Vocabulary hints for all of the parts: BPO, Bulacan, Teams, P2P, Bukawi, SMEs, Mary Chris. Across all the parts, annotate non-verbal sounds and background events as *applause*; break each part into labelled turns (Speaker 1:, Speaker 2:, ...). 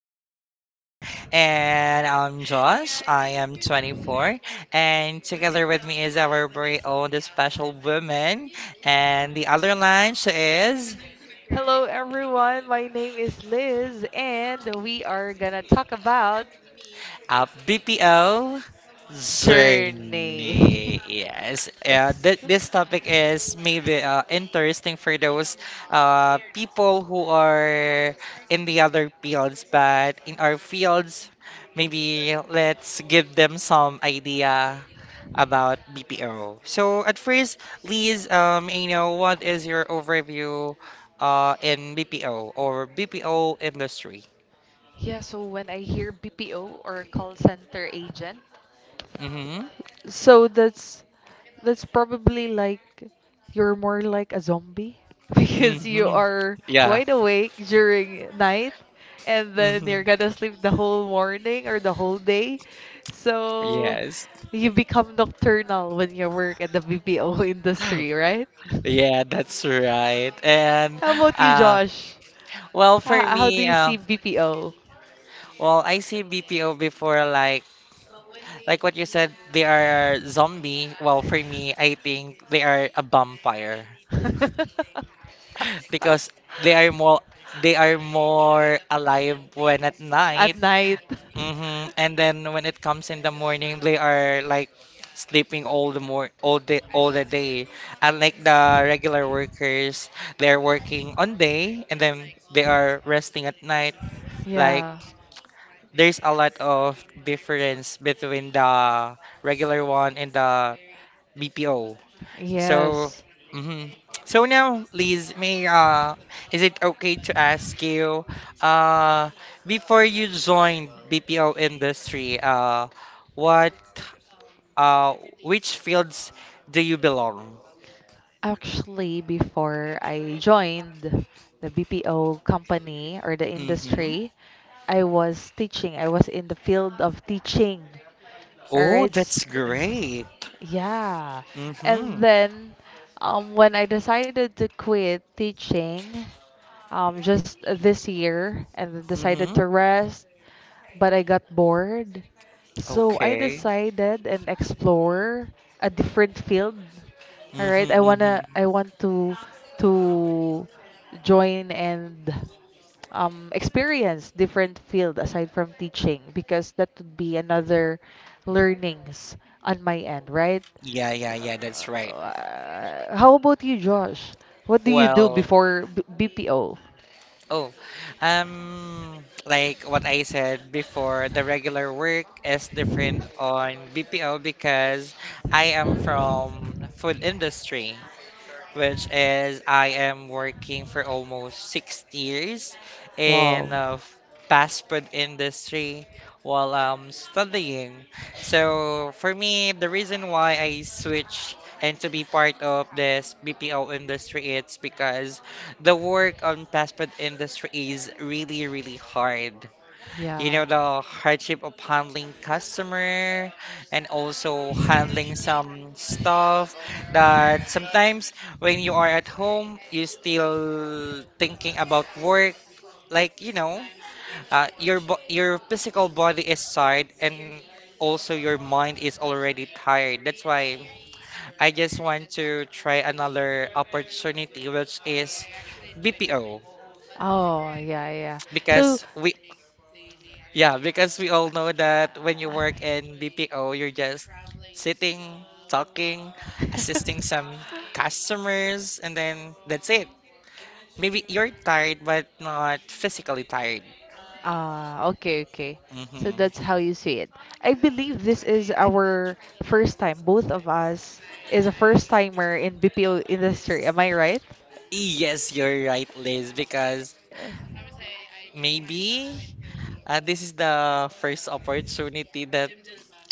Speaker 1: Studio, and I'm Josh. I am 24, and together with me is our very own special woman, and the other line she is.
Speaker 2: Hello, everyone. My name is Liz, and we are gonna talk about
Speaker 1: A BPO
Speaker 2: journey.
Speaker 1: journey. Yes,
Speaker 2: *laughs* Yes.
Speaker 1: this topic is maybe interesting for those people who are in the other fields, but in our fields, maybe let's give them some idea about BPO. So at first, Liz, what is your overview in BPO or BPO industry?
Speaker 2: Yeah, so when I hear BPO or call center agent.
Speaker 1: Mm-hmm.
Speaker 2: So that's probably like you're more like a zombie *laughs* because you
Speaker 1: Mm-hmm.
Speaker 2: are wide awake during night, and then
Speaker 1: hmm
Speaker 2: you're gonna sleep the whole morning or the whole day. So
Speaker 1: Yes.
Speaker 2: you become nocturnal when you work at the BPO *laughs* industry, right?
Speaker 1: *gasps* Yeah, that's right. And
Speaker 2: How about you,
Speaker 1: uh
Speaker 2: Josh?
Speaker 1: well for
Speaker 2: How do
Speaker 1: me,
Speaker 2: you see BPO?
Speaker 1: well I see BPO before like what you said, they are zombie. Well for me, I
Speaker 2: *laughs*
Speaker 1: think they are a vampire
Speaker 2: *laughs*
Speaker 1: because they are more they are more alive when at
Speaker 2: At
Speaker 1: night.
Speaker 2: night.
Speaker 1: And then when it comes in the morning, they are like sleeping all day all the day. Unlike the regular workers, they're working on day and then they are resting at night. Like
Speaker 2: Yeah.
Speaker 1: there's a lot of difference between the regular one and the BPO. So,
Speaker 2: Yes.
Speaker 1: hmm so now, Liz, may is it okay to ask you, uh, before you joined BPO industry, what, uh, which fields do you belong?
Speaker 2: Actually, before I joined the BPO company or the
Speaker 1: Mm-hmm.
Speaker 2: industry, I was teaching. I was in the field of teaching. Or
Speaker 1: Oh, that's
Speaker 2: it's
Speaker 1: great.
Speaker 2: yeah. And
Speaker 1: Mm-hmm.
Speaker 2: then when I decided to quit teaching, just this year, and then decided
Speaker 1: Mm-hmm.
Speaker 2: to rest, but I got bored. So I
Speaker 1: Okay.
Speaker 2: decided and explore a different field. All right, I
Speaker 1: Mm-hmm.
Speaker 2: wanna
Speaker 1: Mm-hmm.
Speaker 2: I want to to join and experience different field aside from teaching, because that would be another learnings on my end, right?
Speaker 1: Yeah, yeah, yeah. That's right.
Speaker 2: How about you, Josh? What do you do
Speaker 1: Well,
Speaker 2: before B BPO?
Speaker 1: oh, like what I said before, the regular work is different on BPO because I am from food industry, which is I am working for almost 6 years
Speaker 2: Wow.
Speaker 1: in fast food industry while I'm studying. So for me, the reason why I switch and to be part of this BPO industry, it's because the work on fast food industry is really, really hard. You
Speaker 2: Yeah.
Speaker 1: know, the hardship of handling customer and also handling some stuff that sometimes when you are at home, you still thinking about work. Like, you know, your bo your physical body is tired and also your mind is already tired. That's why I just want to try another opportunity, which is BPO,
Speaker 2: Oh, yeah, yeah. So
Speaker 1: because we yeah, because we all know that when you
Speaker 2: *laughs*
Speaker 1: work in BPO, you're just sitting, talking, assisting some customers, and then that's it. Maybe you're tired, but not physically tired.
Speaker 2: ah, okay, okay. So
Speaker 1: hmm
Speaker 2: that's how you see it. I believe this is our first time, both of us is a first timer in BPO industry. Am I right?
Speaker 1: Yes, you're right, Liz, because
Speaker 2: Uh,
Speaker 1: maybe this is the first opportunity that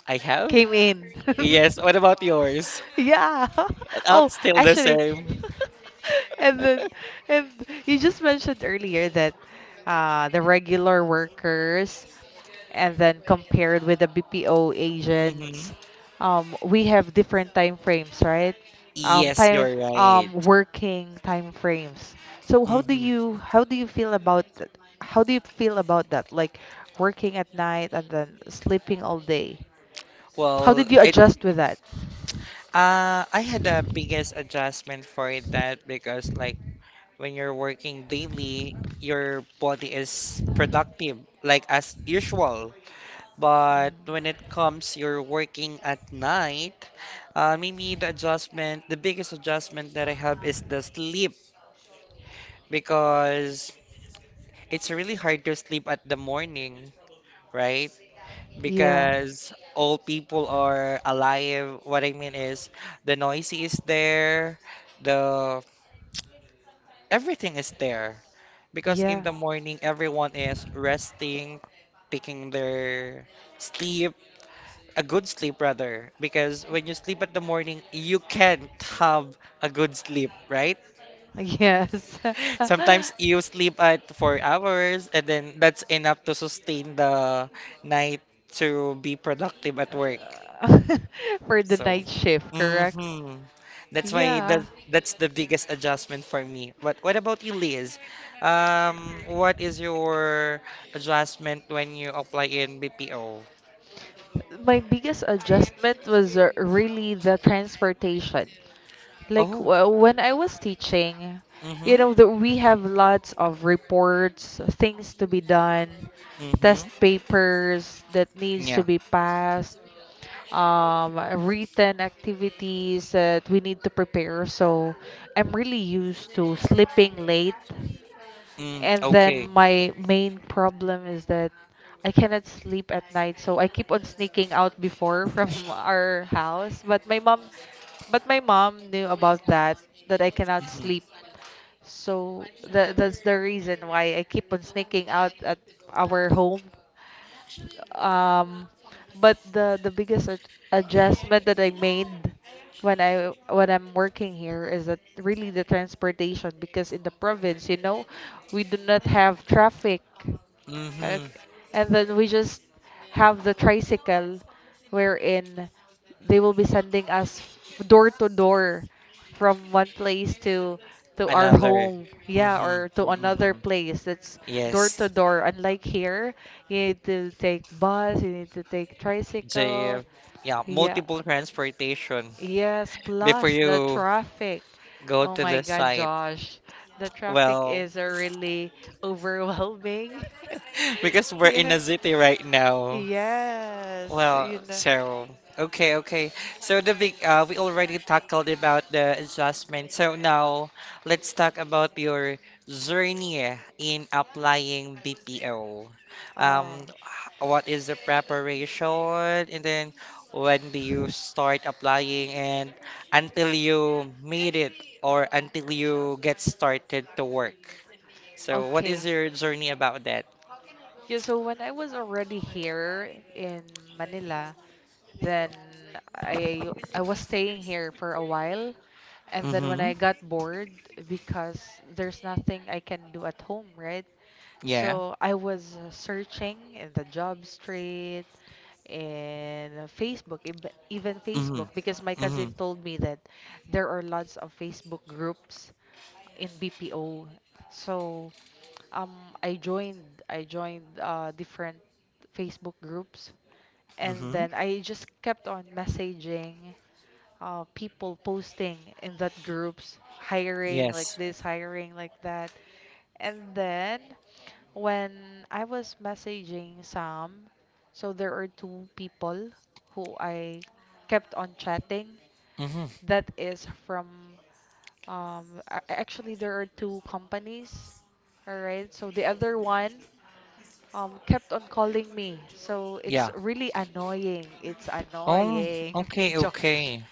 Speaker 1: I have.
Speaker 2: came in.
Speaker 1: Yes,
Speaker 2: *laughs*
Speaker 1: what about yours?
Speaker 2: Yeah. *laughs* Oh,
Speaker 1: Still the
Speaker 2: actually,
Speaker 1: same.
Speaker 2: *laughs* and then,
Speaker 1: *laughs*
Speaker 2: and you just mentioned earlier that the regular workers and then compared with the BPO
Speaker 1: hmm
Speaker 2: agents, we have different time frames, right?
Speaker 1: Yes,
Speaker 2: Time,
Speaker 1: you're right.
Speaker 2: working time frames. So how do
Speaker 1: hmm
Speaker 2: you how do you feel about that? How do you feel about that? Like working at night and then sleeping all day. How
Speaker 1: Well,
Speaker 2: did you
Speaker 1: it
Speaker 2: adjust with that?
Speaker 1: uh, I had the biggest adjustment for that because like when you're working daily, your body is productive like as usual. But when it comes you're working at night, the biggest adjustment that I have is the sleep because it's really hard to sleep at the morning, right?
Speaker 2: Yeah.
Speaker 1: Because all people are alive. What I mean is the noisy is there, the everything is there because in
Speaker 2: Yeah.
Speaker 1: the morning everyone is resting, taking their sleep a good sleep rather, because when you sleep at the morning you can't have a good sleep, right?
Speaker 2: Yes. *laughs*
Speaker 1: Sometimes you sleep at 4 hours and then that's enough to sustain the night to be productive at work.
Speaker 2: *laughs* For the
Speaker 1: So,
Speaker 2: night shift, correct?
Speaker 1: hmm that's why the
Speaker 2: Yeah.
Speaker 1: that's the biggest adjustment for me. But what about you, Liz? What is your adjustment when you apply in BPO?
Speaker 2: My biggest adjustment was really the transportation. Like
Speaker 1: Oh,
Speaker 2: when I was teaching, you
Speaker 1: mm-hmm,
Speaker 2: know, the, we have lots of reports, things to be done, test
Speaker 1: mm-hmm,
Speaker 2: papers that needs to
Speaker 1: yeah,
Speaker 2: be passed, um, written activities that we need to prepare. So I'm really used to sleeping late,
Speaker 1: mm,
Speaker 2: and then
Speaker 1: okay,
Speaker 2: my main problem is that I cannot sleep at night, so I keep on sneaking out before from *laughs* our house. But my mom knew about that, that I cannot
Speaker 1: mm-hmm,
Speaker 2: sleep. So that that's the reason why I keep on sneaking out at our home, um but the the biggest adjustment that I made when I'm working here is that really the transportation, because in the province, you know, we do not have traffic,
Speaker 1: mm-hmm,
Speaker 2: okay. And then we just have the tricycle, wherein they will be sending us door to door from one place to our
Speaker 1: another,
Speaker 2: home, yeah,
Speaker 1: mm-hmm,
Speaker 2: or to another
Speaker 1: mm-hmm,
Speaker 2: place that's door to
Speaker 1: yes,
Speaker 2: door. Unlike here, you need to take bus, you need to take tricycle.
Speaker 1: JF, yeah,
Speaker 2: Yeah,
Speaker 1: multiple transportation
Speaker 2: yes,
Speaker 1: *laughs* before
Speaker 2: plus the
Speaker 1: you
Speaker 2: traffic.
Speaker 1: go
Speaker 2: Oh
Speaker 1: to
Speaker 2: my
Speaker 1: the
Speaker 2: god,
Speaker 1: site.
Speaker 2: Josh, the traffic
Speaker 1: Well,
Speaker 2: is really overwhelming. *laughs*
Speaker 1: *laughs* because we're in
Speaker 2: Yes,
Speaker 1: a city right now.
Speaker 2: yes,
Speaker 1: Well,
Speaker 2: you know.
Speaker 1: so okay, okay. So the big we already tackled about the adjustment. So now let's talk about your journey in applying BPO. Um,
Speaker 2: Oh,
Speaker 1: h- what is the preparation, and then when do you start applying, and until you made it or until you get started to work. So what
Speaker 2: okay.
Speaker 1: is your journey about that?
Speaker 2: Yeah, so when I was already here in Manila, then I was staying here for a while, and then when I got bored, because there's nothing I can do at home, right?
Speaker 1: Yeah.
Speaker 2: So I was searching in the job street, in Facebook, even Facebook,
Speaker 1: Mhm.
Speaker 2: because my cousin
Speaker 1: Mhm.
Speaker 2: told me that there are lots of Facebook groups in BPO. So um I joined different Facebook groups, and
Speaker 1: Mhm.
Speaker 2: then I just kept on messaging people posting in that groups, hiring like
Speaker 1: Yes.
Speaker 2: this, hiring like that. And then when I was messaging Sam, so there are two people who I kept on chatting,
Speaker 1: Mhm.
Speaker 2: that is from actually there are two companies. All right. So the other one kept on calling me. So it's
Speaker 1: Yeah.
Speaker 2: really annoying. It's
Speaker 1: Oh,
Speaker 2: annoying.
Speaker 1: okay,
Speaker 2: *laughs* Josh.
Speaker 1: okay.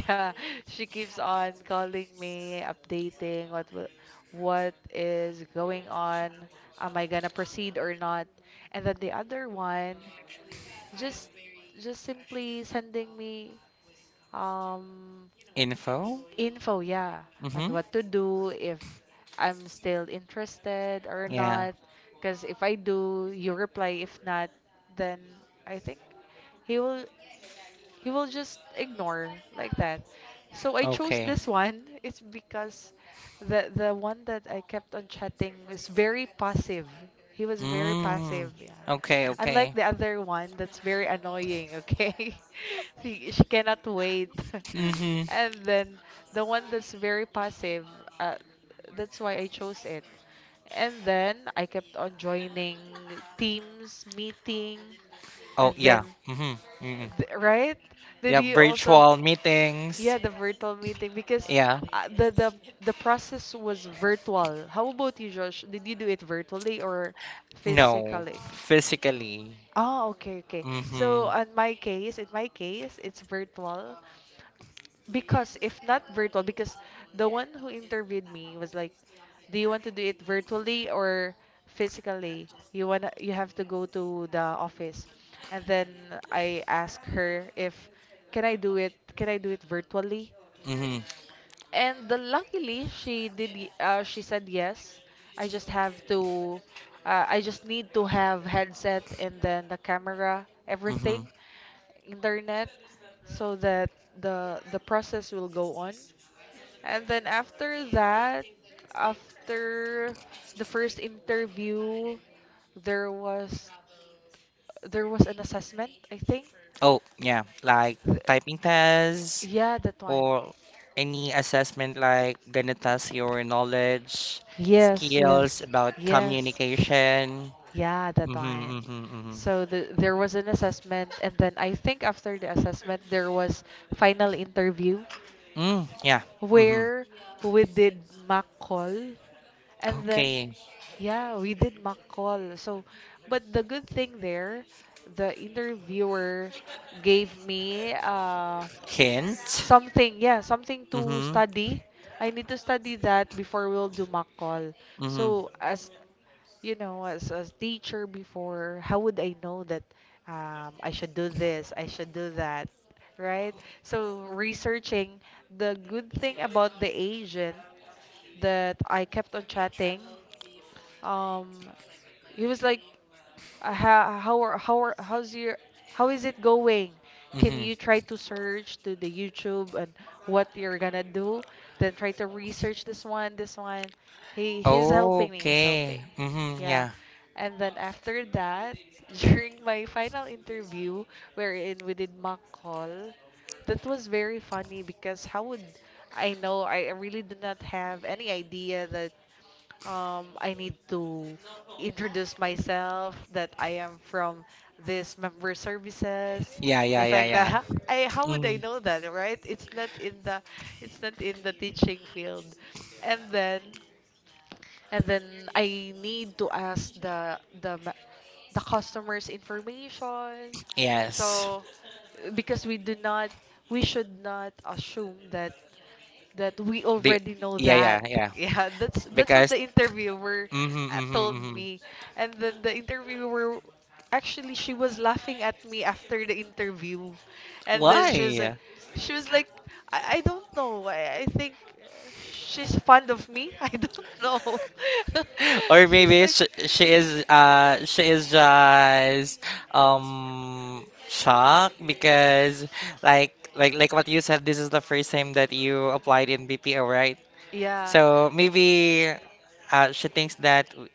Speaker 2: Yeah, she keeps on calling me, updating what is going on. Am I gonna proceed or not? And then the other one just just simply sending me um,
Speaker 1: Info?
Speaker 2: info, yeah, on
Speaker 1: Mhm.
Speaker 2: what to do, if I'm still interested or
Speaker 1: Yeah.
Speaker 2: not. Because if I do, you reply. If not, then I think he will. He will just ignore like that. So I chose
Speaker 1: Okay.
Speaker 2: this one. It's because the one that I kept on chatting was very passive. He was very
Speaker 1: Mm.
Speaker 2: passive, yeah.
Speaker 1: Okay,
Speaker 2: Unlike
Speaker 1: okay.
Speaker 2: the other one that's very annoying, okay? *laughs* She cannot wait. *laughs*
Speaker 1: Mhm.
Speaker 2: And then the one that's very passive, uh, that's why I chose it. And then I kept on joining teams, meeting,
Speaker 1: Oh,
Speaker 2: and
Speaker 1: yeah.
Speaker 2: then
Speaker 1: Mhm. Mhm.
Speaker 2: Right? Did
Speaker 1: Yeah,
Speaker 2: you also?
Speaker 1: virtual meetings.
Speaker 2: Yeah, the virtual meeting, because
Speaker 1: Yeah.
Speaker 2: the the process was virtual. How about you, Josh? Did you do it virtually or
Speaker 1: No,
Speaker 2: physically?
Speaker 1: physically.
Speaker 2: Oh, okay, okay. So
Speaker 1: Mhm.
Speaker 2: in my case, it's virtual, because if not virtual, because the one who interviewed me was like, "Do you want to do it virtually or physically? You wanna, you have to go to the office." And then I asked her if, "Can I do it? Can I do it virtually?"
Speaker 1: Mhm.
Speaker 2: And luckily she did she said yes. I just have to I just need to have headset and then the camera, everything,
Speaker 1: Mhm.
Speaker 2: internet, so that the process will go on. And then after that, after the first interview, there was, an assessment, I think.
Speaker 1: Oh, yeah. Like
Speaker 2: Th-
Speaker 1: typing tests,
Speaker 2: yeah, that one.
Speaker 1: or any assessment like gonna test your knowledge,
Speaker 2: Yes,
Speaker 1: skills
Speaker 2: yes,
Speaker 1: about
Speaker 2: yes.
Speaker 1: communication.
Speaker 2: Yeah, that
Speaker 1: Mm-hmm,
Speaker 2: one.
Speaker 1: mm-hmm, mm-hmm.
Speaker 2: So the, there was an assessment, and then I think after the assessment, there was final interview,
Speaker 1: Mm, yeah. Mm-hmm.
Speaker 2: where we did mock call, and then
Speaker 1: Okay.
Speaker 2: yeah, we did mock call. So, but the good thing there, the interviewer gave me
Speaker 1: Hint.
Speaker 2: something, yeah, something to
Speaker 1: Mm-hmm.
Speaker 2: study. I need to study that before we'll do mock call.
Speaker 1: Mm-hmm.
Speaker 2: So as you know, as a teacher before, how would I know that, I should do this, I should do that, right? So researching, the good thing about the agent that I kept on chatting. Um, he was like, how's your how is it going? Can
Speaker 1: Mm-hmm.
Speaker 2: you try to search to the YouTube and what you're gonna do? Then try to research this one, this one. He he's helping me. He's
Speaker 1: Okay.
Speaker 2: helping.
Speaker 1: Mm-hmm.
Speaker 2: Yeah.
Speaker 1: Yeah.
Speaker 2: And then after that, *laughs* during my final interview, wherein we did mock call, that was very funny, because how would I know? I really do not have any idea that, I need to introduce myself that I am from this member services.
Speaker 1: Yeah, yeah,
Speaker 2: It's
Speaker 1: yeah,
Speaker 2: like
Speaker 1: yeah.
Speaker 2: that. *laughs* I, how would I
Speaker 1: Mm-hmm.
Speaker 2: know that, right? It's not in the, it's not in the teaching field. And then, and then I need to ask the customer's information,
Speaker 1: Yes.
Speaker 2: so, because we do not, we should not assume that, that we
Speaker 1: The
Speaker 2: already know
Speaker 1: yeah, yeah,
Speaker 2: that. *laughs*
Speaker 1: yeah.
Speaker 2: Yeah, that's what
Speaker 1: Because
Speaker 2: the interviewer
Speaker 1: mm-hmm, mm-hmm,
Speaker 2: told
Speaker 1: mm-hmm.
Speaker 2: me. And then the interviewer, actually she was laughing at me after the interview, and then
Speaker 1: Why?
Speaker 2: she was like, I don't know, I think she's fond of me. *laughs* I don't know.
Speaker 1: *laughs*
Speaker 2: *laughs*
Speaker 1: Or
Speaker 2: She was
Speaker 1: maybe
Speaker 2: like,
Speaker 1: she is just shocked because like what you said, this is the first time that you applied in BPO, right?
Speaker 2: yeah.
Speaker 1: So maybe she thinks that w-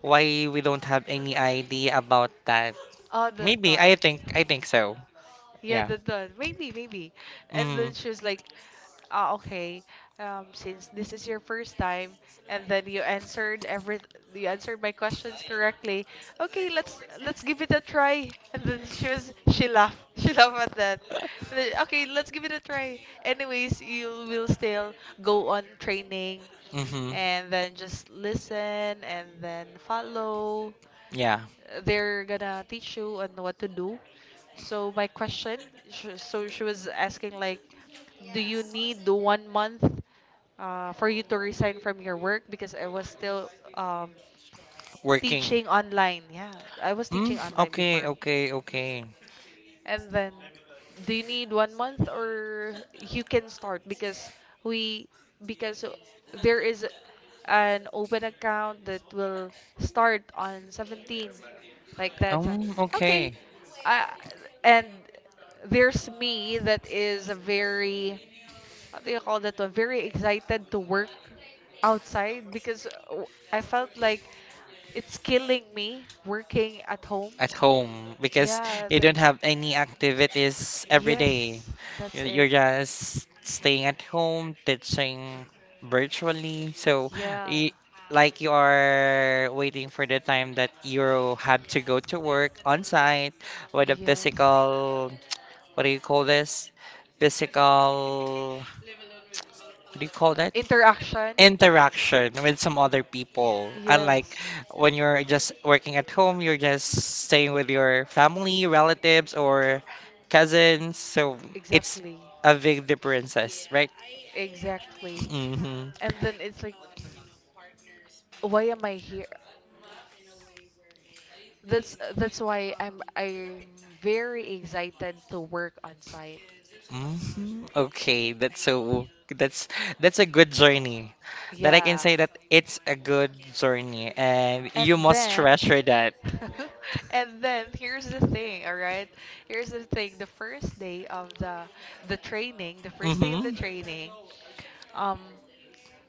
Speaker 1: why we don't have any idea about that.
Speaker 2: Oh the
Speaker 1: Maybe
Speaker 2: time.
Speaker 1: I think so.
Speaker 2: Yeah,
Speaker 1: Yeah.
Speaker 2: the done. Maybe, maybe. And
Speaker 1: Mm-hmm.
Speaker 2: then she was like, ah, okay, since this is your first time, and then you answered every, you answered my questions correctly. Okay, let's give it a try. And then she was, she laughed, *laughs* she laughed at that. And then, okay, let's give it a try. Anyways, you will still go on training,
Speaker 1: Mm-hmm.
Speaker 2: and then just listen, and then follow.
Speaker 1: Yeah.
Speaker 2: They're gonna teach you on what to do. So my question, so she was asking like, do you need the 1 month for you to resign from your work, because I was still,
Speaker 1: Working.
Speaker 2: teaching online. Yeah, I was
Speaker 1: Mm,
Speaker 2: teaching online
Speaker 1: okay,
Speaker 2: before.
Speaker 1: okay, okay.
Speaker 2: And then, do you need 1 month or you can start, because we, because there is an open account that will start on 17, like that. So,
Speaker 1: Okay.
Speaker 2: okay, I, and there's me that is a very, what do you call that one? Very excited to work outside, because I felt like it's killing me working at home.
Speaker 1: At home because
Speaker 2: Yeah,
Speaker 1: you don't have any activities every day.
Speaker 2: yes, that's
Speaker 1: You're
Speaker 2: it.
Speaker 1: just staying at home, teaching virtually. So,
Speaker 2: Yeah,
Speaker 1: y like you are waiting for the time that you have to go to work on site with a
Speaker 2: yes.
Speaker 1: physical, what do you call this? Physical, what do you call,
Speaker 2: Interaction?
Speaker 1: interaction with some other people. Unlike
Speaker 2: Yes,
Speaker 1: when you're just working at home, you're just staying with your family, relatives, or cousins. So it's
Speaker 2: exactly.
Speaker 1: a big differences, right?
Speaker 2: Exactly.
Speaker 1: Mm-hmm.
Speaker 2: And then it's like, why am I here? That's why I'm very excited to work on site.
Speaker 1: Okay, that's so that's that's a good journey. That I can
Speaker 2: Yeah.
Speaker 1: say that it's a good journey, and
Speaker 2: And
Speaker 1: you must
Speaker 2: then,
Speaker 1: treasure that.
Speaker 2: *laughs* and then here's the thing, all right? Here's the thing. The first day of the training, the first day of the
Speaker 1: Mm-hmm.
Speaker 2: training, um,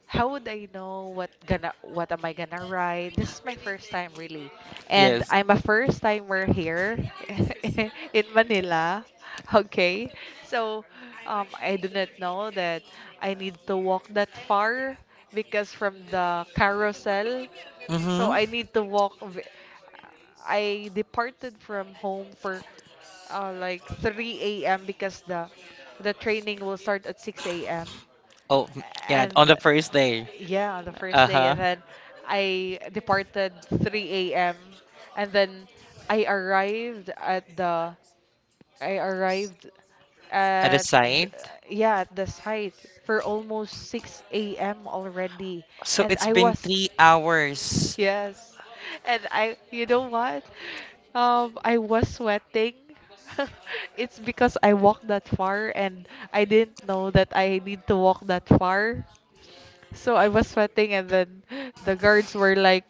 Speaker 2: how would I know what am I gonna write? This is my first time really, and
Speaker 1: Yes.
Speaker 2: I'm a first timer here *laughs* in Manila. Okay, so, I do not know that I need to walk that far, because from the carousel, so
Speaker 1: Mm-hmm.
Speaker 2: I need to walk. I departed from home for like 3 a.m., because the training will start at 6 a.m.
Speaker 1: Oh, yeah.
Speaker 2: And
Speaker 1: On the first day.
Speaker 2: yeah, on the first day,
Speaker 1: Uh-huh.
Speaker 2: and then I departed 3 a.m. And then I arrived at the I arrived
Speaker 1: At the
Speaker 2: at the,
Speaker 1: site.
Speaker 2: yeah, at the site for almost 6 a.m. already,
Speaker 1: So
Speaker 2: and
Speaker 1: it's
Speaker 2: I
Speaker 1: been
Speaker 2: was
Speaker 1: 3 hours. *laughs*
Speaker 2: yes, and I you know what? I was sweating. *laughs* It's because I walked that far and I didn't know that I need to walk that far. So I was sweating, and then *laughs* the guards were like,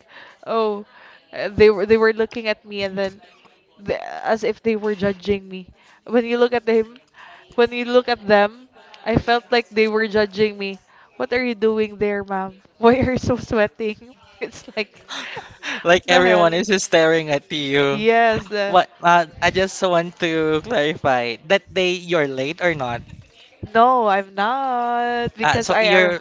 Speaker 2: "Oh, they were looking at me, and then the, as if they were judging me. When you look at him, when you look at them, I felt like they were judging me. What are you doing there, ma'am?" *laughs* "Why are you so sweating?" *laughs* It's like, *laughs*
Speaker 1: Like
Speaker 2: what the hell?
Speaker 1: everyone is just staring at you.
Speaker 2: Yes,
Speaker 1: What? I just want to clarify that day you're late or not.
Speaker 2: no, I'm not, because
Speaker 1: So
Speaker 2: I are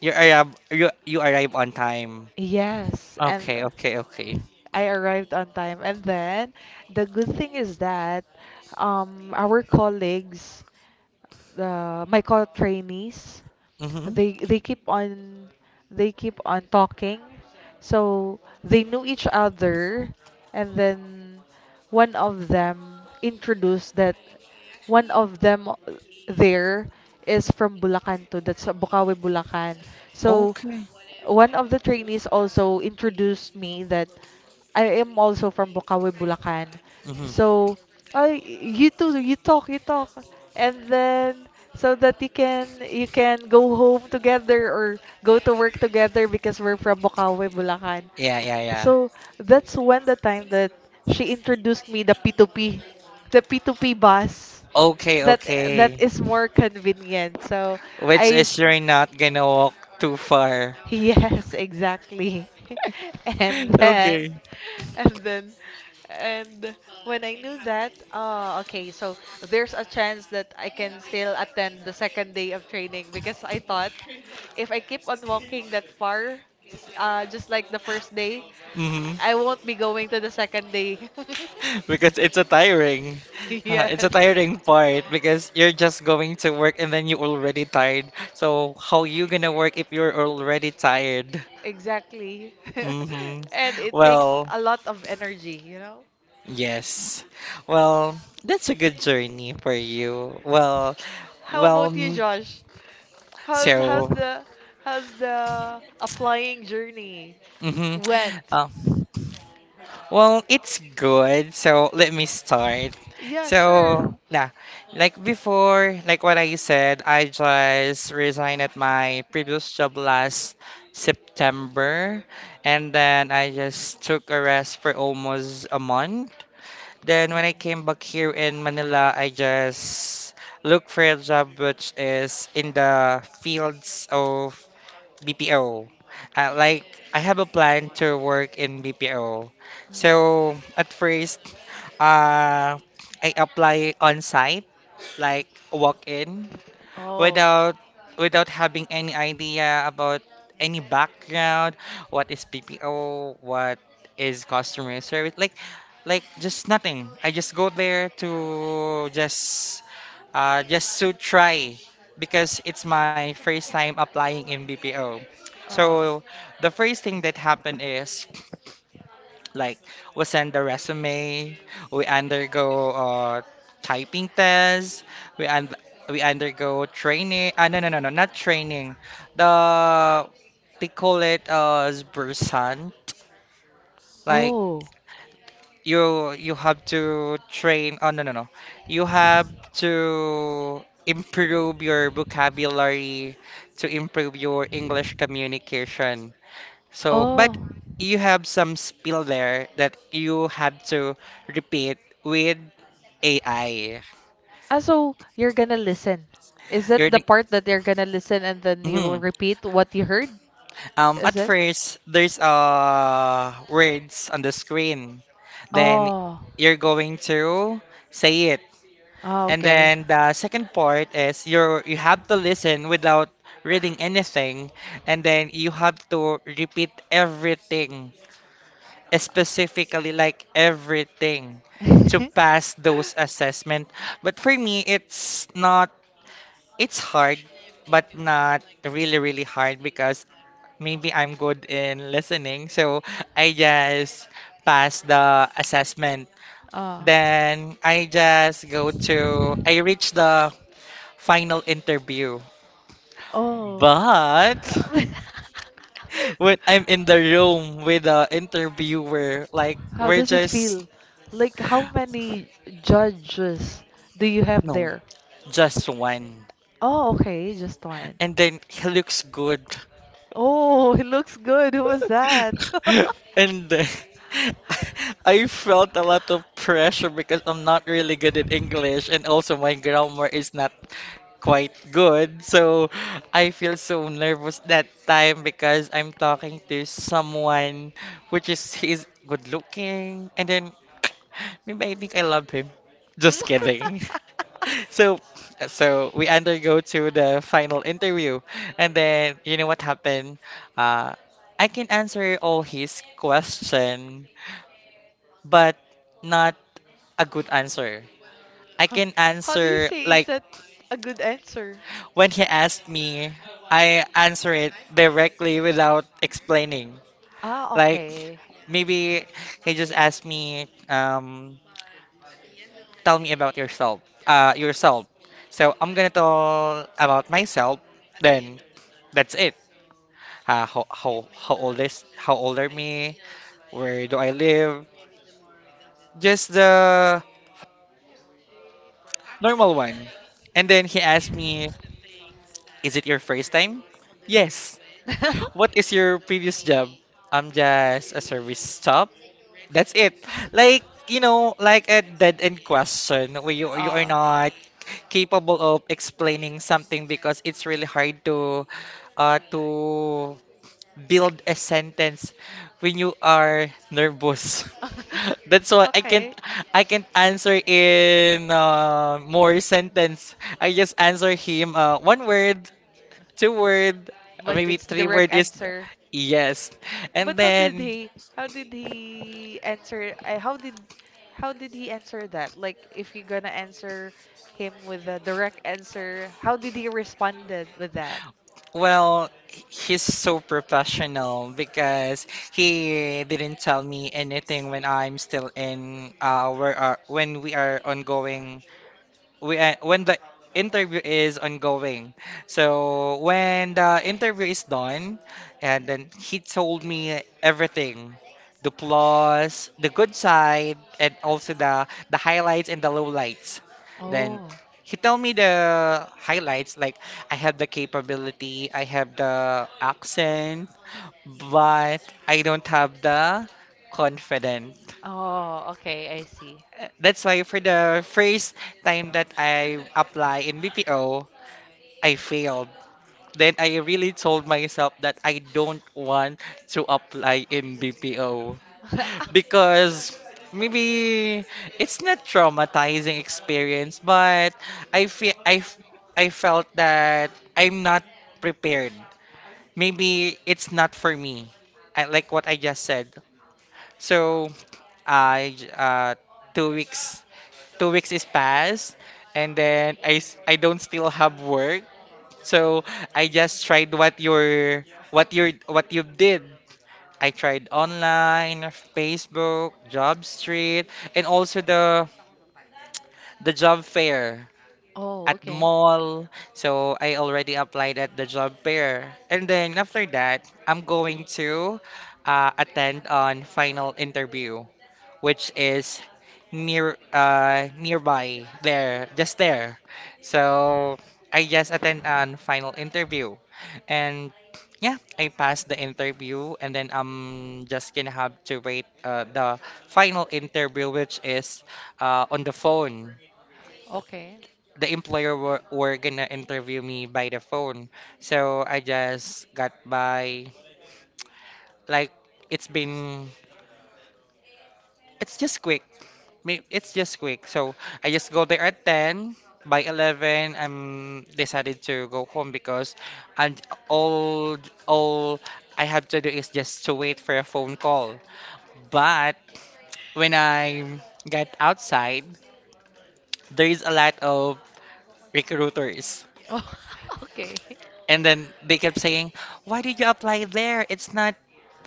Speaker 1: you arrive you arrive on time.
Speaker 2: yes, and
Speaker 1: Okay, okay, okay.
Speaker 2: I arrived on time. And then the good thing is that, our colleagues, my co-trainees,
Speaker 1: Mhm.
Speaker 2: they they keep on they keep on talking. So they knew each other, and then one of them introduced that one of them there is from Bulacan too. That's Bukawi, Bulacan. So
Speaker 1: Okay.
Speaker 2: one of the trainees also introduced me that I am also from Bukawi, Bulacan.
Speaker 1: Mhm.
Speaker 2: So, I you too, you talk, and then so that you can go home together or go to work together, because we're from Bukawi, Bulacan.
Speaker 1: Yeah, yeah, yeah.
Speaker 2: So that's when the time that she introduced me the P2P, the P2P bus,
Speaker 1: Okay,
Speaker 2: that
Speaker 1: okay.
Speaker 2: is more convenient. So
Speaker 1: Which
Speaker 2: I
Speaker 1: is you're not gonna walk too far.
Speaker 2: yes, exactly. *laughs* And
Speaker 1: *laughs*
Speaker 2: then,
Speaker 1: Okay.
Speaker 2: and then, and when I knew that, oh, okay, so there's a chance that I can still attend the second day of training, because I thought if I keep on walking that far, just like the first day,
Speaker 1: Mhm.
Speaker 2: I won't be going to the second day. *laughs*
Speaker 1: *laughs* Because it's a tiring *laughs* it's a
Speaker 2: Yes,
Speaker 1: tiring part because you're just going to work and then you're already tired, so how you gonna work if you're already tired?
Speaker 2: exactly. *laughs*
Speaker 1: Mm-hmm.
Speaker 2: And it takes
Speaker 1: Well,
Speaker 2: a lot of energy, you know?
Speaker 1: yes. Well, that's a good journey for you. Well,
Speaker 2: How
Speaker 1: well,
Speaker 2: about you, Josh? How's
Speaker 1: so
Speaker 2: how's the applying journey
Speaker 1: mm-hmm.
Speaker 2: went?
Speaker 1: Um, Well, it's good. So let me start.
Speaker 2: Yeah, sure.
Speaker 1: So yeah, like before, like what I said, I just resigned at my previous job last September, and then I just took a rest for almost a month. Then
Speaker 2: Oh.
Speaker 1: when I came back here in Manila, I just looked for a job, which is in the fields of BPO. Like I have a plan to work in BPO.
Speaker 2: Mm.
Speaker 1: So at first, uh, I apply on site, like walk in
Speaker 2: Oh.
Speaker 1: without without having any idea about any background, what is PPO, what is customer service, like just nothing. I just go there to just to try because it's my first time applying in BPO.
Speaker 2: Uh.
Speaker 1: So the first thing that happened is like, we send the resume, we undergo typing tests, we un we undergo training. Ah, no, no, no, no, not training. The they call it as Bursan. Like
Speaker 2: Oh.
Speaker 1: you have to train. Oh no no no, you have to improve your vocabulary, to improve your English communication. So, but
Speaker 2: Oh.
Speaker 1: you have some spill there that you had to repeat with AI.
Speaker 2: Ah, so you're gonna listen. Is it
Speaker 1: You're
Speaker 2: the
Speaker 1: the-
Speaker 2: part that you're gonna listen and then you will
Speaker 1: Mhm.
Speaker 2: repeat what you heard? Is
Speaker 1: At
Speaker 2: it?
Speaker 1: first there's words on the screen. Then
Speaker 2: Oh.
Speaker 1: you're going to say it.
Speaker 2: Oh,
Speaker 1: And
Speaker 2: okay.
Speaker 1: then the second part is you have to listen without reading anything and then you have to repeat everything specifically, like everything to
Speaker 2: *laughs*
Speaker 1: pass those assessment. But for me, it's not, it's hard, but not really, really hard because maybe I'm good in listening. So I just pass the assessment.
Speaker 2: Oh.
Speaker 1: Then I just go to, I reach the final interview.
Speaker 2: Oh.
Speaker 1: But *laughs*
Speaker 2: *laughs*
Speaker 1: when I'm in the room with the interviewer, like
Speaker 2: How
Speaker 1: we're
Speaker 2: does it
Speaker 1: just,
Speaker 2: feel? Like, how many judges do you have
Speaker 1: no,
Speaker 2: there?
Speaker 1: just one.
Speaker 2: Oh, okay, just one.
Speaker 1: And then he looks good.
Speaker 2: Oh, it looks good. Who was that? *laughs*
Speaker 1: *laughs* And then *laughs* I felt a lot of pressure because I'm not really good at English and also my grammar is not quite good. So I feel so nervous that time because I'm talking to someone, which is he's good looking, and then *clears throat* maybe I think I love him. Just
Speaker 2: *laughs*
Speaker 1: kidding. *laughs* So we undergo to the final interview and then you know what happened? Uh I can answer all his question, but not a good answer. I
Speaker 2: Huh.
Speaker 1: can
Speaker 2: How do you
Speaker 1: answer
Speaker 2: say, is
Speaker 1: like
Speaker 2: that a good answer?
Speaker 1: When he asked me, I answer it directly without explaining.
Speaker 2: Ah,
Speaker 1: Like
Speaker 2: okay.
Speaker 1: maybe he just asked me, tell me about yourself. So I'm gonna tell about myself. Then that's it. How old are me? Where do I live? Just the normal one. And then he asked me, "Is it your first time?" Yes. What is
Speaker 2: *laughs*
Speaker 1: your previous job? I'm just a service stop. That's it. Like you know, like a dead end question where you are
Speaker 2: Ah.
Speaker 1: not capable of explaining something because it's really hard to build a sentence when you are nervous. *laughs* That's why
Speaker 2: That's *laughs*
Speaker 1: I can't answer in more sentence. I just answer him one word, two word,
Speaker 2: But three
Speaker 1: maybe
Speaker 2: it's word.
Speaker 1: three
Speaker 2: Direct
Speaker 1: word is
Speaker 2: answer.
Speaker 1: yes. And
Speaker 2: But
Speaker 1: then
Speaker 2: how did he answer how did he answer that? Like if you're gonna answer him with a direct answer, how did he responded with that?
Speaker 1: well he's so professional because he didn't tell me anything when I'm still in where are when we are ongoing we when the interview is ongoing. So when the interview is done, and then he told me everything, the plus, the good side, and also the highlights and the lowlights. Then
Speaker 2: Oh.
Speaker 1: he told me the highlights like I have the capability, I have the accent, but I don't have the confidence.
Speaker 2: Oh, okay, I see.
Speaker 1: That's why for the first time that I apply in BPO, I failed. Then I really told myself that I don't want to apply in BPO because maybe
Speaker 2: *laughs*
Speaker 1: it's not traumatizing experience, but I feel I f- I felt that I'm not prepared. Maybe it's not for me. I like what I just said. So I j- uh two weeks, two weeks is passed, and then I don't still have work. So I just tried what you did. I tried online, Facebook, Job Street, and also the job fair at the mall. So I already applied at the job fair. And then after that, I'm going to attend on final interview which is nearby there, just there. So I just attend an final interview, and yeah, I passed the interview, and then I'm just gonna have to wait the final interview which is on the phone.
Speaker 2: Phone. Okay.
Speaker 1: The employer were gonna interview me by the phone. So I just got by like it's been it's just quick. It's just quick. So I just go there at 10. By 11, I'm decided to go home because and all all I have to do is just to wait for a phone call. But when I get outside, there is a lot of recruiters.
Speaker 2: Oh, *laughs*
Speaker 1: And then they kept saying, "Why did you apply there?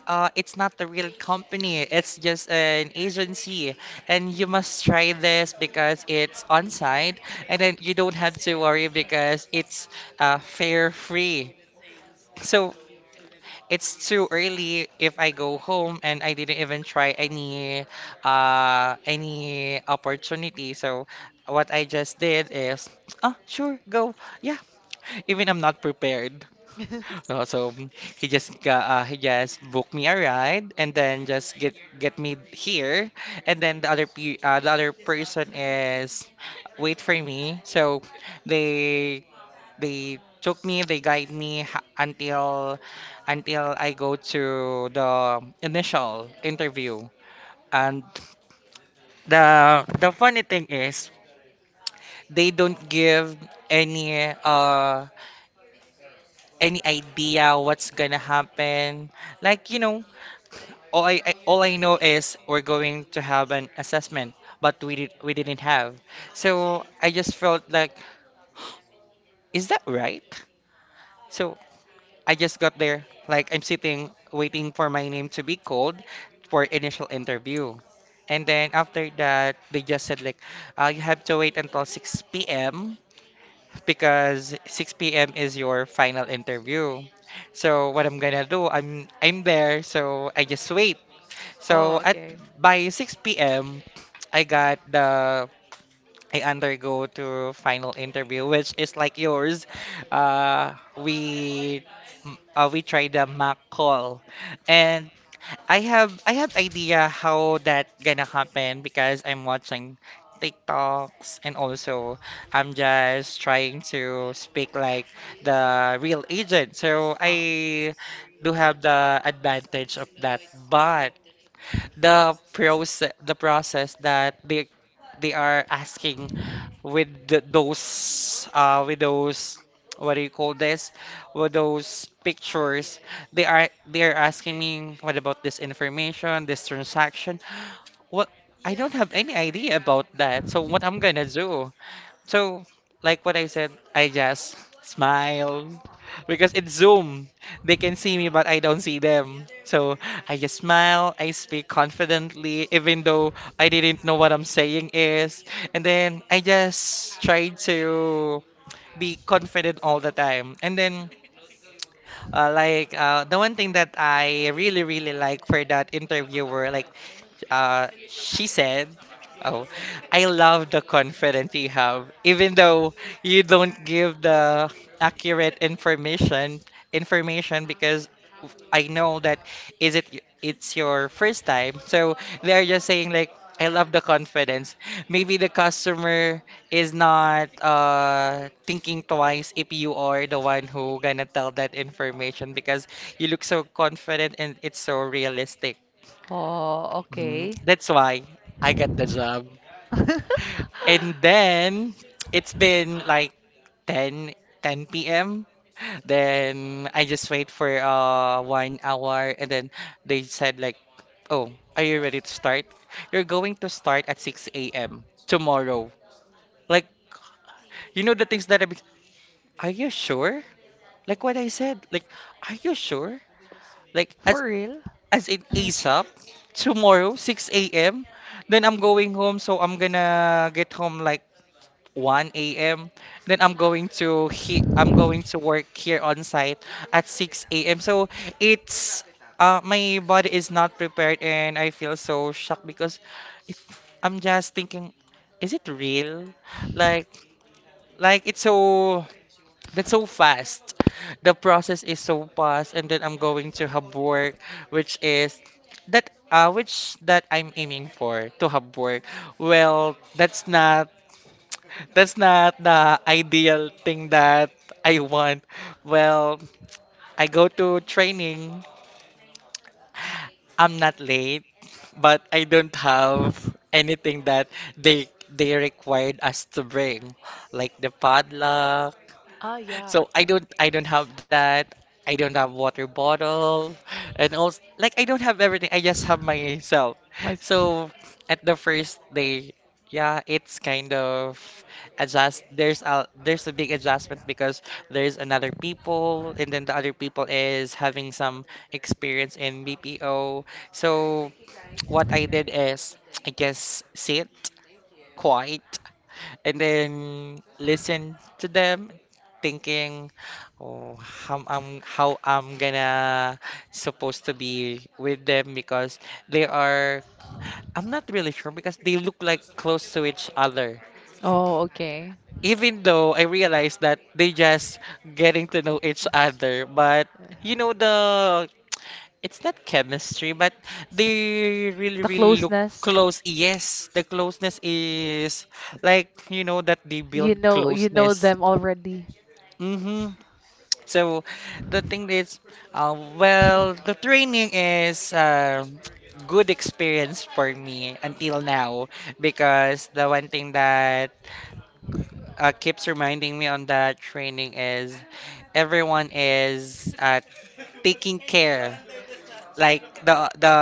Speaker 1: It's not the real company. It's just an agency, and you must try this because it's on site, and then you don't have to worry because it's fare free. So it's too early if I go home and I didn't even try any opportunity." So what I just did is, oh, sure, go.
Speaker 2: okay.
Speaker 1: Yeah, even I'm not prepared. Oh, so mm, he just he just booked me a ride and then just get me here, and then the other person is wait for me. So they they took me, they guide me until I go to the initial interview. And the funny thing is they don't give any uh any idea what's gonna happen. Like, you know, all I know is we're going to have an assessment, but we didn't have. So I just felt like, is that right? So I just got there, like I'm sitting waiting for my name to be called for initial interview. And then after that, they just said like, you have to wait until 6 p.m. because 6 p.m. is your final interview. So what I'm gonna do, I'm there, so I just wait.
Speaker 2: Oh,
Speaker 1: So
Speaker 2: and
Speaker 1: at
Speaker 2: okay.
Speaker 1: By 6 p.m., I got the I undergo to final interview, which is like yours. Uh, we we tried the mock call, and I have idea how that gonna happen because I'm watching TikToks, and also I'm just trying to speak like the real agent. So I do have the advantage of that, but the process that they are asking with those what do you call this with those pictures. They are they are asking me what about this information, this transaction. What I don't have any idea about that. So what I'm gonna do, so, like what I said, I just smile because it's Zoom. They can see me, but I don't see them. So I just smile. I speak confidently, even though I didn't know what I'm saying is. And then I just try to be confident all the time. And then, the one thing that I really really like for that interviewer, like she said, "Oh, I love the confidence you have, even though you don't give the accurate information because I know that it's your first time." So they are just saying like, "I love the confidence. Maybe the customer is not thinking twice if you are the one who gonna tell that information because you look so confident and it's so realistic."
Speaker 2: Oh,
Speaker 1: Mhm.
Speaker 2: okay. *laughs*
Speaker 1: That's why I got the job.
Speaker 2: And then it's
Speaker 1: And then it's been like 10 p.m. Then I just wait for one hour, and then they said like, "Oh, are you ready to start? You're going to start at 6 a.m. tomorrow." Like, you know the things that I be Are you sure? Like what I said. Like, are
Speaker 2: like,
Speaker 1: you
Speaker 2: are
Speaker 1: sure? Like at
Speaker 2: for real?
Speaker 1: As in ASAP, tomorrow 6 a.m. Then I'm going home, so I'm gonna get home like 1 a.m. Then I'm going to work here on site at 6 a.m. So it's my body is not prepared, and I feel so shocked because it, I'm just thinking, is it real? Like it's so that's so fast. The process is so fast, and then I'm going to have work, which is that which that I'm aiming for to have work. Well, that's not the ideal thing that I want. Well, I go to training. I'm not late, but I don't have anything that they required us to bring, like the padlock.
Speaker 2: Ah, yeah,
Speaker 1: So
Speaker 2: okay.
Speaker 1: I don't have that. I don't have water bottle, and also like I don't have everything. I just have myself.
Speaker 2: My s-
Speaker 1: So at the first day, yeah, it's kind of adjust there's a big adjustment because there's another people, and then the other people is having some experience in BPO. So what I did is I just sit quiet and then listen to them thinking, oh, how I'm gonna supposed to be with them because they are I'm not really sure because they look like close to each other,
Speaker 2: oh, okay.
Speaker 1: even though I realized that they just getting to know each other. But you know the it's not chemistry, but they really
Speaker 2: The
Speaker 1: really look
Speaker 2: closeness.
Speaker 1: close. Yes, the closeness is like, you know, that they build
Speaker 2: You know
Speaker 1: closeness.
Speaker 2: them already.
Speaker 1: Mm-hmm. So the thing is, well, the training is good experience for me until now because the one thing that keeps reminding me on that training is everyone is taking care. Like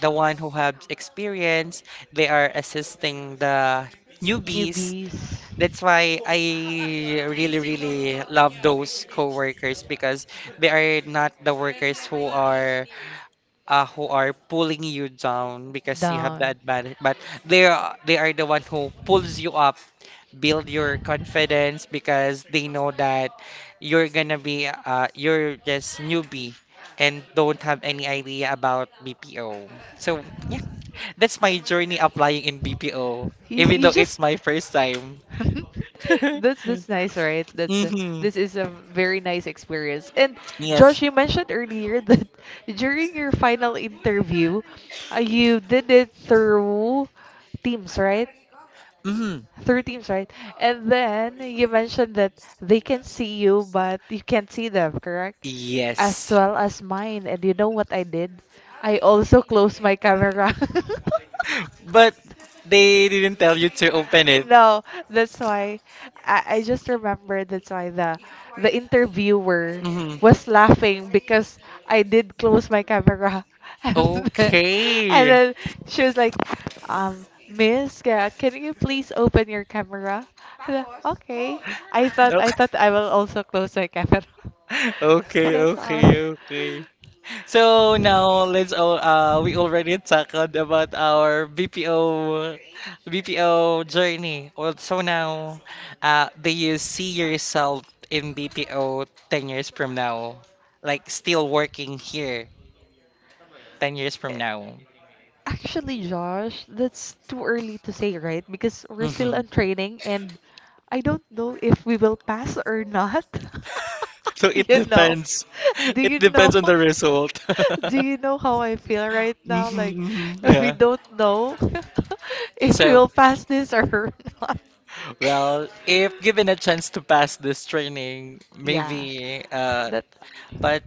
Speaker 1: the one who has experience, they are assisting the newbies.
Speaker 2: Newbies.
Speaker 1: That's why I really, really love those coworkers because they are not the workers who are pulling you down because you have the
Speaker 2: Down.
Speaker 1: advantage, but they are the one who pulls you up, build your confidence because they know that you're gonna be you're just newbie and don't have any idea about BPO. So yeah, that's my journey applying in BPO,
Speaker 2: You,
Speaker 1: even
Speaker 2: you
Speaker 1: though it's
Speaker 2: just
Speaker 1: my first time.
Speaker 2: *laughs*
Speaker 1: *laughs*
Speaker 2: that's nice, right? That's
Speaker 1: Mm-hmm.
Speaker 2: This is a very nice experience. And
Speaker 1: Yes.
Speaker 2: Josh, you mentioned earlier *laughs* that during your final interview, you did it through Teams, right?
Speaker 1: Mm-hmm.
Speaker 2: Three teams, right? And then you mentioned that they can see you, but you can't see them, correct? As
Speaker 1: Yes.
Speaker 2: well as mine. And you know what I did? I also closed my camera. *laughs*
Speaker 1: But they didn't tell you to open it.
Speaker 2: No, that's why I just remembered that's why the interviewer
Speaker 1: Mm-hmm.
Speaker 2: was laughing because I did close my camera *laughs* and then, and
Speaker 1: Okay.
Speaker 2: then she was like, "Miss, can you please open your camera?" Hala, okay. I
Speaker 1: *laughs*
Speaker 2: thought I will also close my camera. *laughs*
Speaker 1: Okay,
Speaker 2: That's all.
Speaker 1: okay. So now let's all we already talked about our BPO journey. Well, so now do you see yourself in BPO 10 years from now? Like still working here 10 years from now?
Speaker 2: Actually, Josh, that's too early to say, right? Because we're still on training and I don't know if we will pass or not. *laughs*
Speaker 1: So it
Speaker 2: You know?
Speaker 1: depends. *laughs*
Speaker 2: Do
Speaker 1: It
Speaker 2: you
Speaker 1: depends
Speaker 2: know?
Speaker 1: on
Speaker 2: *laughs*
Speaker 1: the result.
Speaker 2: Do you know how I feel right
Speaker 1: *laughs*
Speaker 2: now? Like,
Speaker 1: Hmm,
Speaker 2: *laughs* we
Speaker 1: yeah.
Speaker 2: don't know *laughs* if we
Speaker 1: So,
Speaker 2: will pass this or *laughs* not.
Speaker 1: well, if given a chance to pass this training,
Speaker 2: Yeah.
Speaker 1: maybe,
Speaker 2: That
Speaker 1: but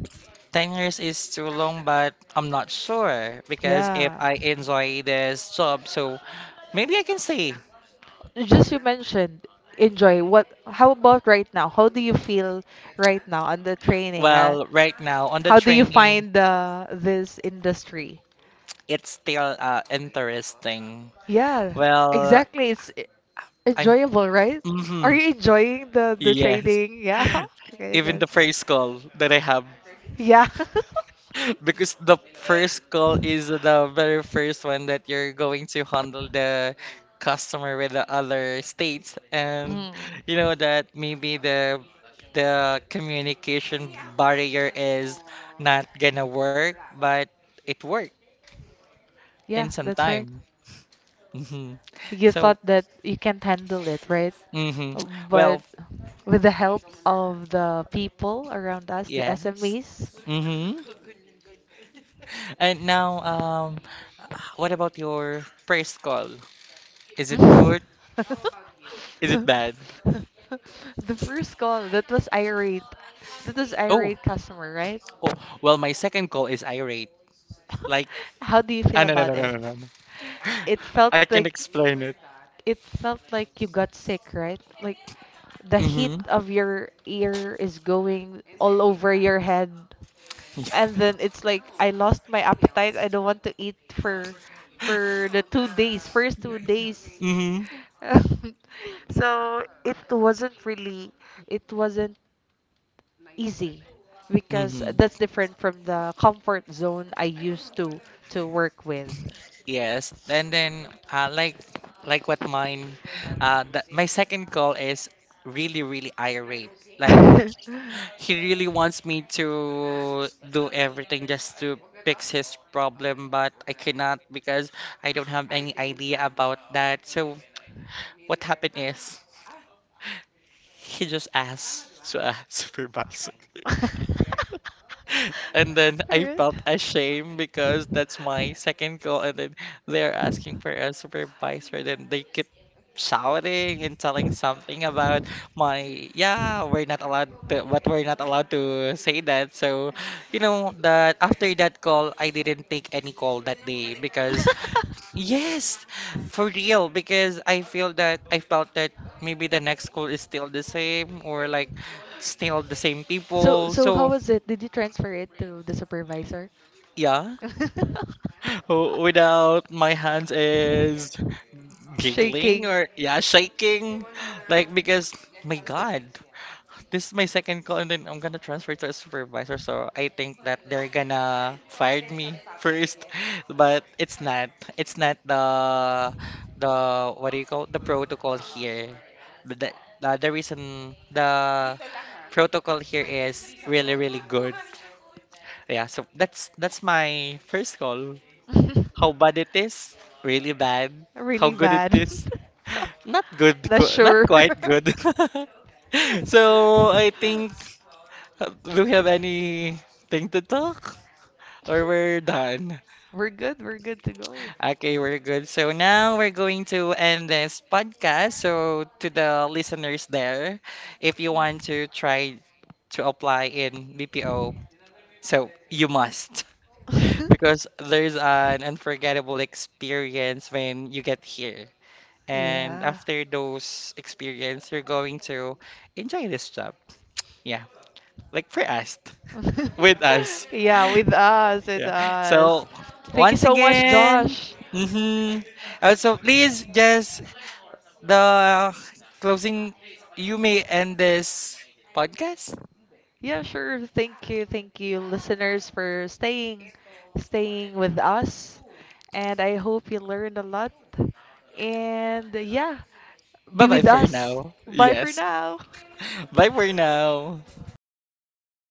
Speaker 1: 10 years is too long, but I'm not sure because if
Speaker 2: yeah.
Speaker 1: I enjoy this job, so maybe I can say,
Speaker 2: Just you mentioned enjoy. What how about right now? How do you feel right now on the training? Huh?
Speaker 1: well, right now on the
Speaker 2: How do you
Speaker 1: training,
Speaker 2: find this industry?
Speaker 1: it's still interesting.
Speaker 2: Yeah,
Speaker 1: Well,
Speaker 2: exactly. It's
Speaker 1: I'm,
Speaker 2: enjoyable, right? Are
Speaker 1: hmm
Speaker 2: you enjoying the
Speaker 1: yes,
Speaker 2: trading? Yeah. *laughs*
Speaker 1: *laughs*
Speaker 2: Okay,
Speaker 1: even the
Speaker 2: that's right.
Speaker 1: first call that I have.
Speaker 2: Yeah. *laughs*
Speaker 1: Because the first call is the very first one that you're going to handle the customer with the other states, and
Speaker 2: Mm,
Speaker 1: you know that maybe the communication barrier is not gonna work, but it worked in
Speaker 2: yeah,
Speaker 1: some
Speaker 2: that's right.
Speaker 1: time. Hmm.
Speaker 2: You
Speaker 1: So,
Speaker 2: thought that you can't handle it, right?
Speaker 1: hmm. Well,
Speaker 2: But with the help of the people around us, the
Speaker 1: yes.
Speaker 2: SMEs,
Speaker 1: Hmm.
Speaker 2: *laughs*
Speaker 1: And now, what about your first call? Is it good? Is it bad?
Speaker 2: the first call, that was irate. That was
Speaker 1: Oh,
Speaker 2: irate customer, right?
Speaker 1: oh, well, my second call is irate. Like,
Speaker 2: *laughs* How do you
Speaker 1: ah,
Speaker 2: feel
Speaker 1: no, no,
Speaker 2: about
Speaker 1: no, no,
Speaker 2: it?
Speaker 1: no, no, no.
Speaker 2: Uh, It
Speaker 1: *laughs*
Speaker 2: felt
Speaker 1: I can
Speaker 2: like Like,
Speaker 1: explain it.
Speaker 2: it felt like you got sick, right? Like the
Speaker 1: Mm-hmm,
Speaker 2: heat of your ear is going all over your head. And then it's like I lost my appetite. I don't want to eat for for the 2 days, first 2 days.
Speaker 1: mm-hmm,
Speaker 2: *laughs* So it wasn't really it wasn't easy because
Speaker 1: mm-hmm.
Speaker 2: that's different from the comfort zone I used to work with.
Speaker 1: Yes. And then, what mine, my second call is really, really irate. Like,
Speaker 2: *laughs*
Speaker 1: he really wants me to do everything just to fix his problem, but I cannot because I don't have any idea about that. So, what happened is, he just asked. So, *laughs* supervisor.
Speaker 2: *laughs*
Speaker 1: And then I
Speaker 2: Alright.
Speaker 1: felt ashamed because that's my second goal. And then they're asking for a supervisor. Then they keep shouting and telling something about yeah, we're not allowed to say that. So, you know, that after that call, I didn't take any call that day because, yes, for real, because I felt that maybe the next call is still the same or like still the same
Speaker 2: So
Speaker 1: people.
Speaker 2: so how
Speaker 1: So,
Speaker 2: was it? Did you transfer it to the supervisor?
Speaker 1: yeah.
Speaker 2: *laughs*
Speaker 1: Without my hands is giggling
Speaker 2: Shaking.
Speaker 1: or yeah, shaking. Like because my God, this is my second call, and then I'm gonna transfer to a supervisor, so I think that they're gonna fire me first. *laughs* But it's not. It's not the the what do you call the protocol here. But the reason the protocol here is really really good. Yeah, so that's my first call. How bad it
Speaker 2: *laughs*
Speaker 1: is? Really bad. How
Speaker 2: Really
Speaker 1: good it
Speaker 2: bad.
Speaker 1: is?
Speaker 2: *laughs*
Speaker 1: Not good,
Speaker 2: Not
Speaker 1: not
Speaker 2: sure.
Speaker 1: quite good.
Speaker 2: *laughs*
Speaker 1: *laughs* So I think, do we have anything to talk? Or we're done?
Speaker 2: We're good. We're good to go.
Speaker 1: Okay, we're good. So now we're going to end this podcast. So to the listeners there, if you want to try to apply in BPO, so you must *laughs*
Speaker 2: *laughs*
Speaker 1: because there's an unforgettable experience when you get here. And
Speaker 2: Yeah.
Speaker 1: after those experience, you're going to enjoy this job. Yeah, like for us, *laughs* with us.
Speaker 2: *laughs* Yeah, with
Speaker 1: *laughs*
Speaker 2: us, with
Speaker 1: Yeah.
Speaker 2: us.
Speaker 1: So
Speaker 2: Thank you
Speaker 1: once
Speaker 2: so much,
Speaker 1: again,
Speaker 2: Josh.
Speaker 1: mm-hmm. Also, please just the closing. You may end this podcast.
Speaker 2: Yeah, sure. Thank you, listeners, for staying, staying with us. And I hope you learned a lot. And yeah,
Speaker 1: Bye
Speaker 2: be
Speaker 1: bye
Speaker 2: with
Speaker 1: for
Speaker 2: us.
Speaker 1: now.
Speaker 2: Bye for
Speaker 1: Yes.
Speaker 2: now.
Speaker 1: *laughs* Bye for now.